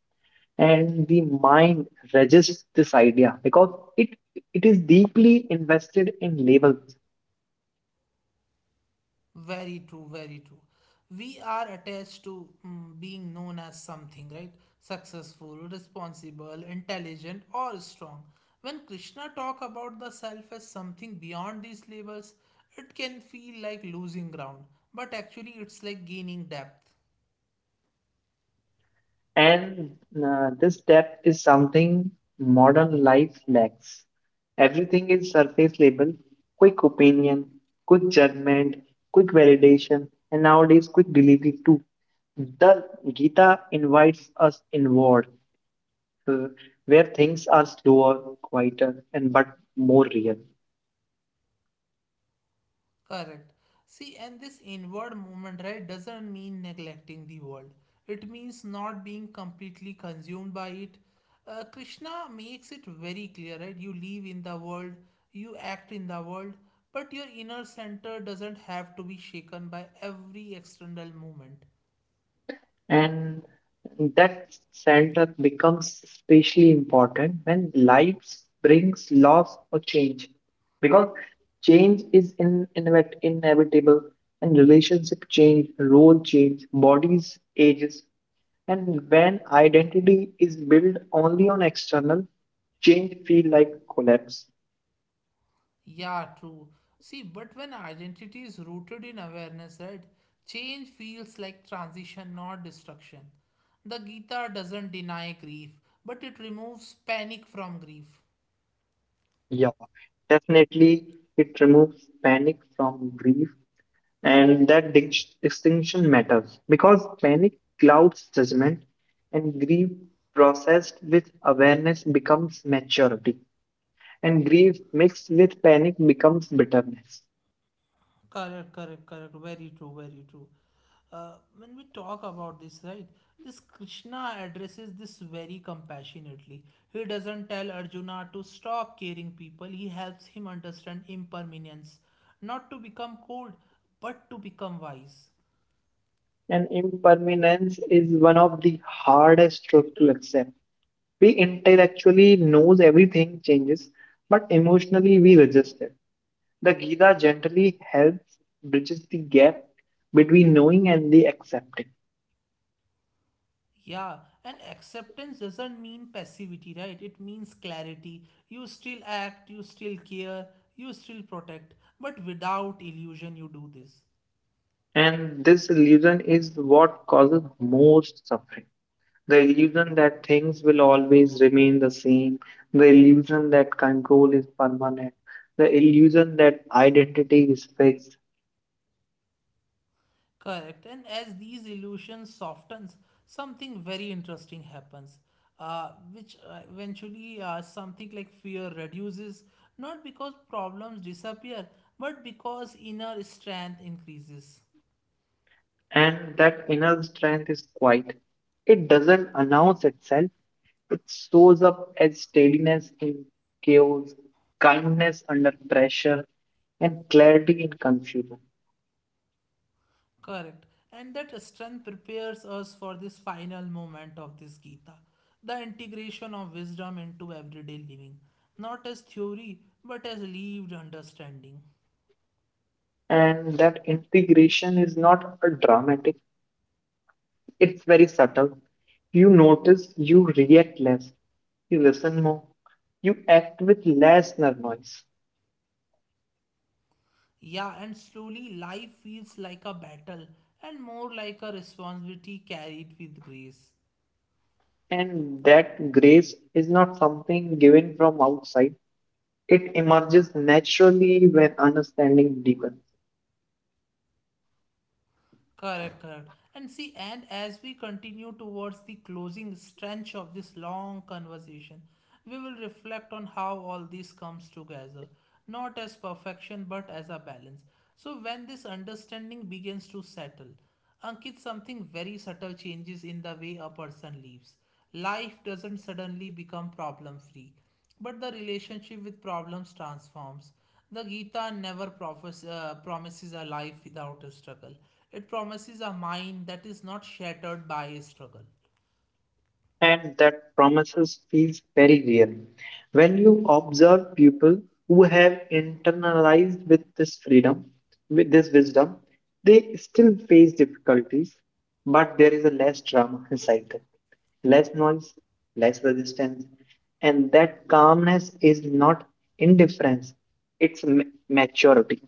[SPEAKER 2] And the mind resists this idea because it is deeply invested in labels.
[SPEAKER 1] Very true, very true. We are attached to being known as something, right? Successful, responsible, intelligent, or strong. When Krishna talk about the self as something beyond these labels, it can feel like losing ground, but actually it's like gaining depth.
[SPEAKER 2] And This depth is something modern life lacks. Everything is surface level, quick opinion, quick judgment, quick validation, and nowadays quick delivery too. The Gita invites us inward, uh, where things are slower, quieter, and but more real.
[SPEAKER 1] Correct. See, and this inward movement, right, doesn't mean neglecting the world. It means not being completely consumed by it. Krishna makes it very clear, right? You live in the world, you act in the world, but your inner center doesn't have to be shaken by every external movement.
[SPEAKER 2] And that center becomes especially important when life brings loss or change. Because change is inevitable, and relationship change, role change, bodies ages. And when identity is built only on external, change feel like collapse.
[SPEAKER 1] Yeah, true. See, but when identity is rooted in awareness, right, change feels like transition, not destruction. The Gita doesn't deny grief, but it removes panic from grief.
[SPEAKER 2] Yeah, definitely it removes panic from grief, and that distinction matters because panic clouds judgment, and grief processed with awareness becomes maturity, and grief mixed with panic becomes bitterness.
[SPEAKER 1] Correct, correct, correct. Very true, very true. When we talk about this, right, this Krishna addresses this very compassionately. He doesn't tell Arjuna to stop caring people, he helps him understand impermanence, not to become cold, but to become wise.
[SPEAKER 2] And impermanence is one of the hardest truths to accept. We intellectually knows everything changes, but emotionally we resist it. The Gita gently helps bridges the gap between knowing and the accepting.
[SPEAKER 1] Yeah, and acceptance doesn't mean passivity, right? It means clarity. You still act, you still care, you still protect, but without illusion you do this.
[SPEAKER 2] And this illusion is what causes most suffering. The illusion that things will always remain the same, the illusion that control is permanent, the illusion that identity is fixed,
[SPEAKER 1] Correct. And as these illusions softens, something very interesting happens. Which Eventually something like fear reduces, not because problems disappear, but because inner strength increases.
[SPEAKER 2] and that inner strength is quiet. It doesn't announce itself, it shows up as steadiness in chaos, kindness under pressure, and clarity in confusion.
[SPEAKER 1] Correct. And that strength prepares us for this final moment of this Gita, the integration of wisdom into everyday living, not as theory, but as lived understanding.
[SPEAKER 2] And that integration is not a dramatic. It's very subtle. You notice, you react less, you listen more, you act with less noise.
[SPEAKER 1] Yeah, and slowly life feels like a battle and more like a responsibility carried with grace.
[SPEAKER 2] And that grace is not something given from outside. It emerges naturally when understanding deepens.
[SPEAKER 1] Correct, correct. And see, and as we continue towards the closing stretch of this long conversation, we will reflect on how all this comes together, not as perfection but as a balance. So, when this understanding begins to settle, Ankit, something very subtle changes in the way a person lives. Life doesn't suddenly become problem free. But the relationship with problems transforms. The Gita never promises a life without a struggle. It promises a mind that is not shattered by a struggle.
[SPEAKER 2] And that promises feels very real. When you observe people who have internalized with this freedom, with this wisdom, they still face difficulties, but there is a less drama inside them, less noise, less resistance, and that calmness is not indifference, it's maturity.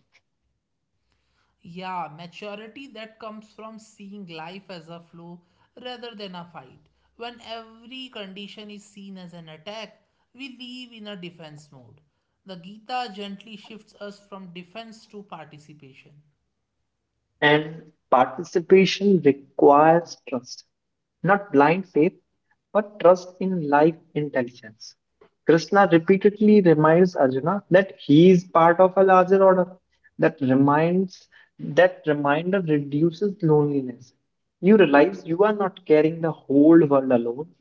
[SPEAKER 1] Yeah, maturity that comes from seeing life as a flow rather than a fight. When every condition is seen as an attack, we live in a defense mode. The Gita gently shifts us from defense to participation.
[SPEAKER 2] And participation requires trust, not blind faith, but trust in life intelligence. Krishna repeatedly reminds Arjuna that he is part of a larger order. That reminds that reminder reduces loneliness. You realize you are not carrying the whole world alone.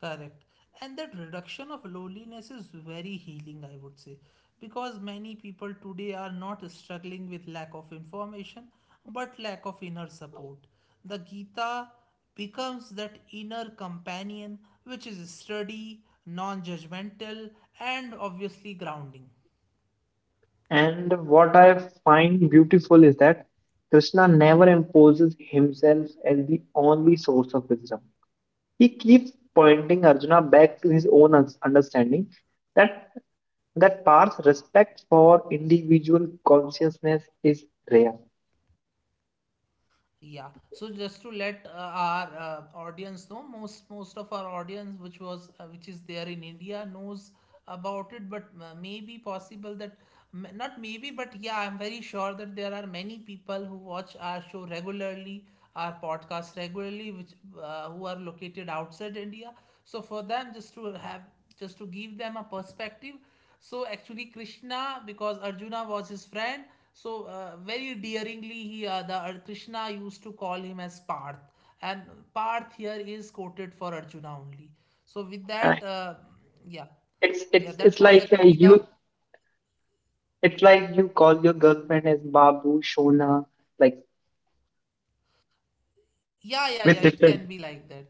[SPEAKER 1] Correct. And that reduction of loneliness is very healing, I would say, because many people today are not struggling with lack of information but lack of inner support. The Gita becomes that inner companion which is sturdy, non judgmental, and obviously grounding.
[SPEAKER 2] And what I find beautiful is that Krishna never imposes himself as the only source of wisdom. He keeps pointing Arjuna back to his own understanding. That that Parth's respect for individual consciousness is rare.
[SPEAKER 1] Yeah. So just to let our audience know, most of our audience, which was which is there in India, knows about it. But maybe possible that not maybe, but yeah, I'm very sure that there are many people who watch our show regularly, our podcast regularly, which who are located outside India. So for them, just to give them a perspective. So actually, Krishna, because Arjuna was his friend, so very dearingly Krishna used to call him as Parth, and Parth here is quoted for Arjuna only. So with
[SPEAKER 2] Uh,
[SPEAKER 1] that, yeah, yeah,
[SPEAKER 2] It's
[SPEAKER 1] that was
[SPEAKER 2] like
[SPEAKER 1] actually
[SPEAKER 2] you
[SPEAKER 1] the
[SPEAKER 2] it's like you call your girlfriend as Babu Shona, like
[SPEAKER 1] yeah, yeah,
[SPEAKER 2] with
[SPEAKER 1] yeah. It can
[SPEAKER 2] different.
[SPEAKER 1] be like that.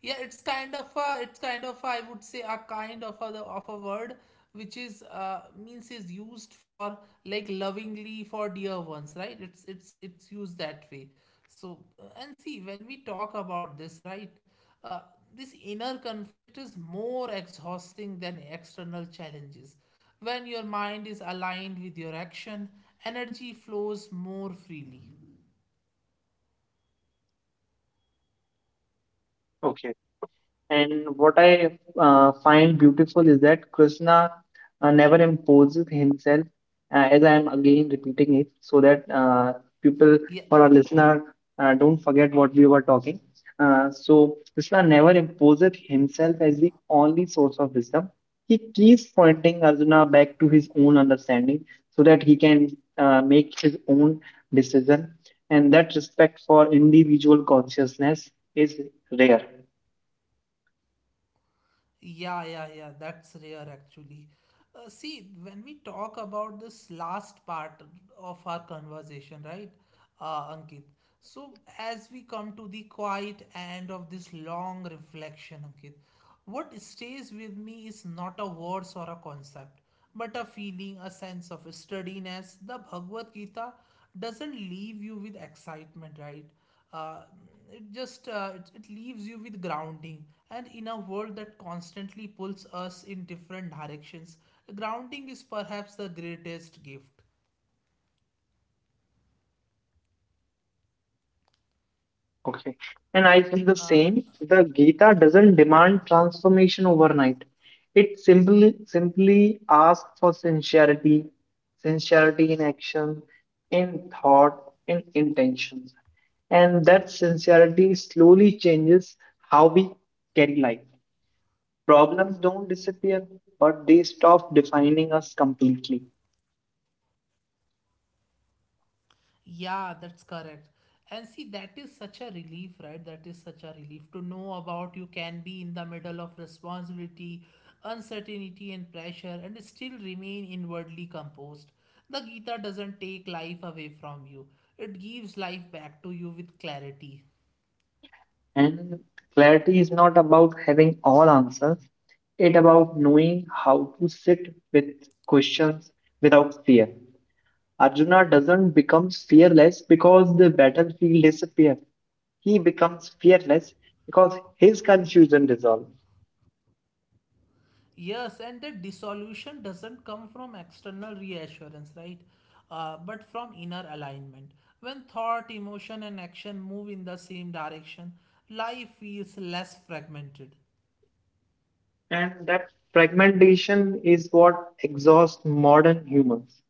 [SPEAKER 1] Yeah, it's kind of a, it's kind of a, I would say a kind of a word which is used for like lovingly for dear ones, right? It's used that way. So and see when we talk about this, right? Uh, this inner conflict is more exhausting than external challenges. When your mind is aligned with your action, energy flows more freely.
[SPEAKER 2] Okay. And what I find beautiful is that Krishna never imposes himself, as I am again repeating it, so that people
[SPEAKER 1] Yeah,
[SPEAKER 2] or our listener don't forget what we were talking. So, Krishna never imposes himself as the only source of wisdom. He keeps pointing Arjuna back to his own understanding so that he can make his own decision. And that respect for individual consciousness is rare.
[SPEAKER 1] Yeah, yeah, yeah, that's rare actually. See, when we talk about this last part of our conversation, right, Ankit? So, as we come to the quiet end of this long reflection, Ankit, what stays with me is not a words or a concept, but a feeling, a sense of steadiness. The Bhagavad Gita doesn't leave you with excitement, right? uh, it leaves you with grounding, and in a world that constantly pulls us in different directions, grounding is perhaps the greatest gift.
[SPEAKER 2] Okay. And I feel the same. The Gita doesn't demand transformation overnight. It simply asks for sincerity, sincerity in action, in thought, in intentions. And that sincerity slowly changes how we carry life. Problems don't disappear, but they stop defining us completely.
[SPEAKER 1] Yeah, that's correct. And see, that is such a relief, right? That is such a relief to know about. You can be in the middle of responsibility, uncertainty and pressure and still remain inwardly composed. The Gita doesn't take life away from you, it gives life back to you with clarity.
[SPEAKER 2] And clarity is not about having all answers. It about knowing how to sit with questions without fear. Arjuna doesn't become fearless because the battlefield disappears. He becomes fearless because his confusion dissolves.
[SPEAKER 1] Yes, and the dissolution doesn't come from external reassurance, right? But from inner alignment. When thought, emotion, and action move in the same direction, life feels less fragmented.
[SPEAKER 2] And that fragmentation is what exhausts modern humans.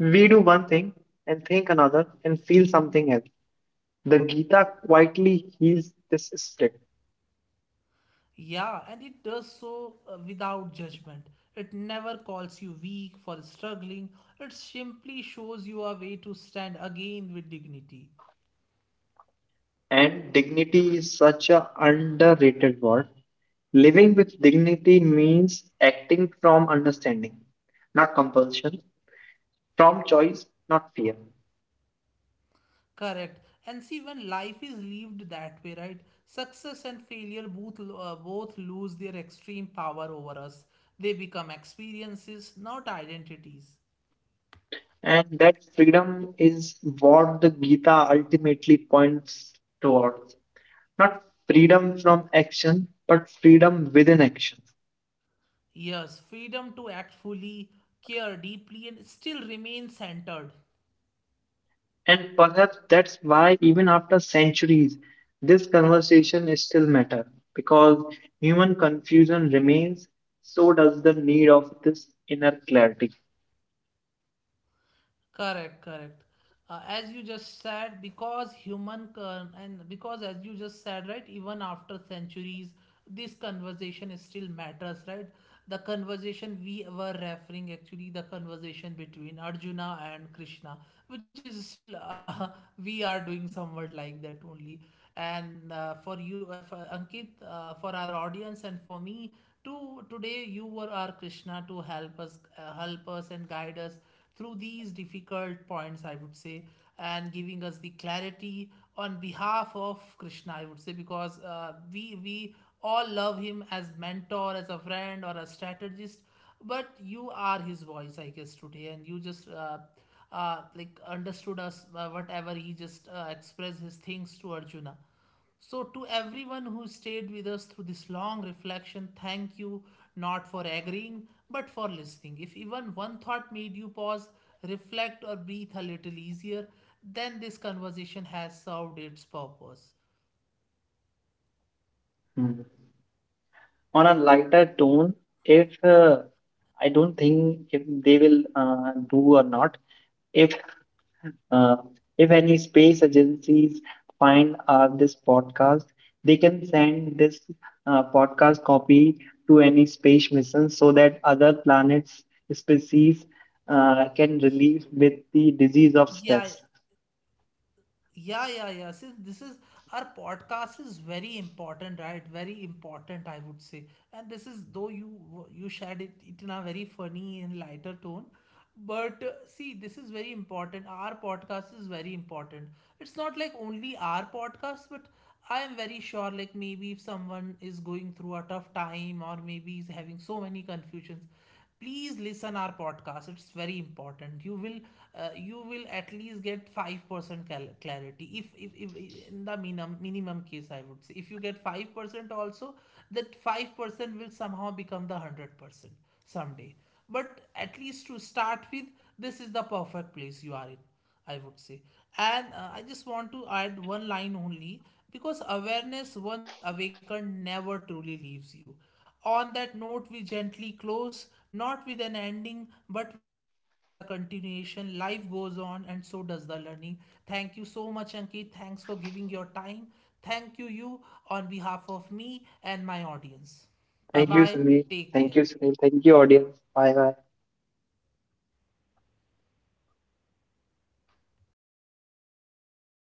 [SPEAKER 2] We do one thing and think another and feel something else. The Gita quietly heals this split.
[SPEAKER 1] Yeah, and it does so without judgment. It never calls you weak for struggling, it simply shows you a way to stand again with dignity.
[SPEAKER 2] And dignity is such a underrated word. Living with dignity means acting from understanding, not compulsion, from choice, not fear.
[SPEAKER 1] Correct. And see, when life is lived that way, right? Success and failure both lose their extreme power over us. They become experiences, not identities.
[SPEAKER 2] And that freedom is what the Gita ultimately points towards. Not freedom from action, but freedom within action.
[SPEAKER 1] Yes, freedom to act fully, care deeply, and still remain centered.
[SPEAKER 2] And perhaps that's why, even after centuries, this conversation is still matter because human confusion remains, so does the need of this inner clarity.
[SPEAKER 1] Correct, correct. As you just said, because human con- and Because as you just said, right, even after centuries, this conversation is still matters, right? The conversation we were referring actually the conversation between Arjuna and Krishna, which is still [laughs] we are doing somewhat like that only. And for you, for Ankit, for our audience and for me too, today you were our Krishna to help us and guide us through these difficult points, I would say, and giving us the clarity on behalf of Krishna, I would say, because we all love him as mentor, as a friend, or a strategist. But you are his voice, I guess, today, and you just like understood us whatever he just expressed his things to Arjuna. So, to everyone who stayed with us through this long reflection, thank you, not for agreeing but for listening. If even one thought made you pause, reflect, or breathe a little easier, then this conversation has served its purpose.
[SPEAKER 2] Hmm. On a lighter tone, if I don't think if they will do or not, if uh, if any space agencies find this podcast, they can send this podcast copy to any space mission so that other planets species can relieve with the disease of
[SPEAKER 1] Yeah,
[SPEAKER 2] stress.
[SPEAKER 1] yeah. See, this is, our podcast is very important, right? Very important, I would say. And this is, though you shared it, it in a very funny and lighter tone, but see, this is very important. Our podcast is very important. It's not like only our podcast, but I am very sure, like maybe if someone is going through a tough time or maybe is having so many confusions, please listen our podcast. It's very important. You will at least get 5% clarity. If in the minimum case, I would say, if you get 5% also, that 5% will somehow become the 100% someday. But at least to start with, this is the perfect place you are in, I would say. And I just want to add one line only, because awareness once awakened never truly leaves you. On that note, we gently close, not with an ending but with a continuation. Life goes on, and so does the learning. Thank you so much, Ankit. Thanks for giving your time. Thank you, on behalf of me and my audience. Bye
[SPEAKER 2] Thank
[SPEAKER 1] bye.
[SPEAKER 2] you, Sunil.
[SPEAKER 1] Take care.
[SPEAKER 2] Thank you, Sunil. Thank you, audience. Bye bye.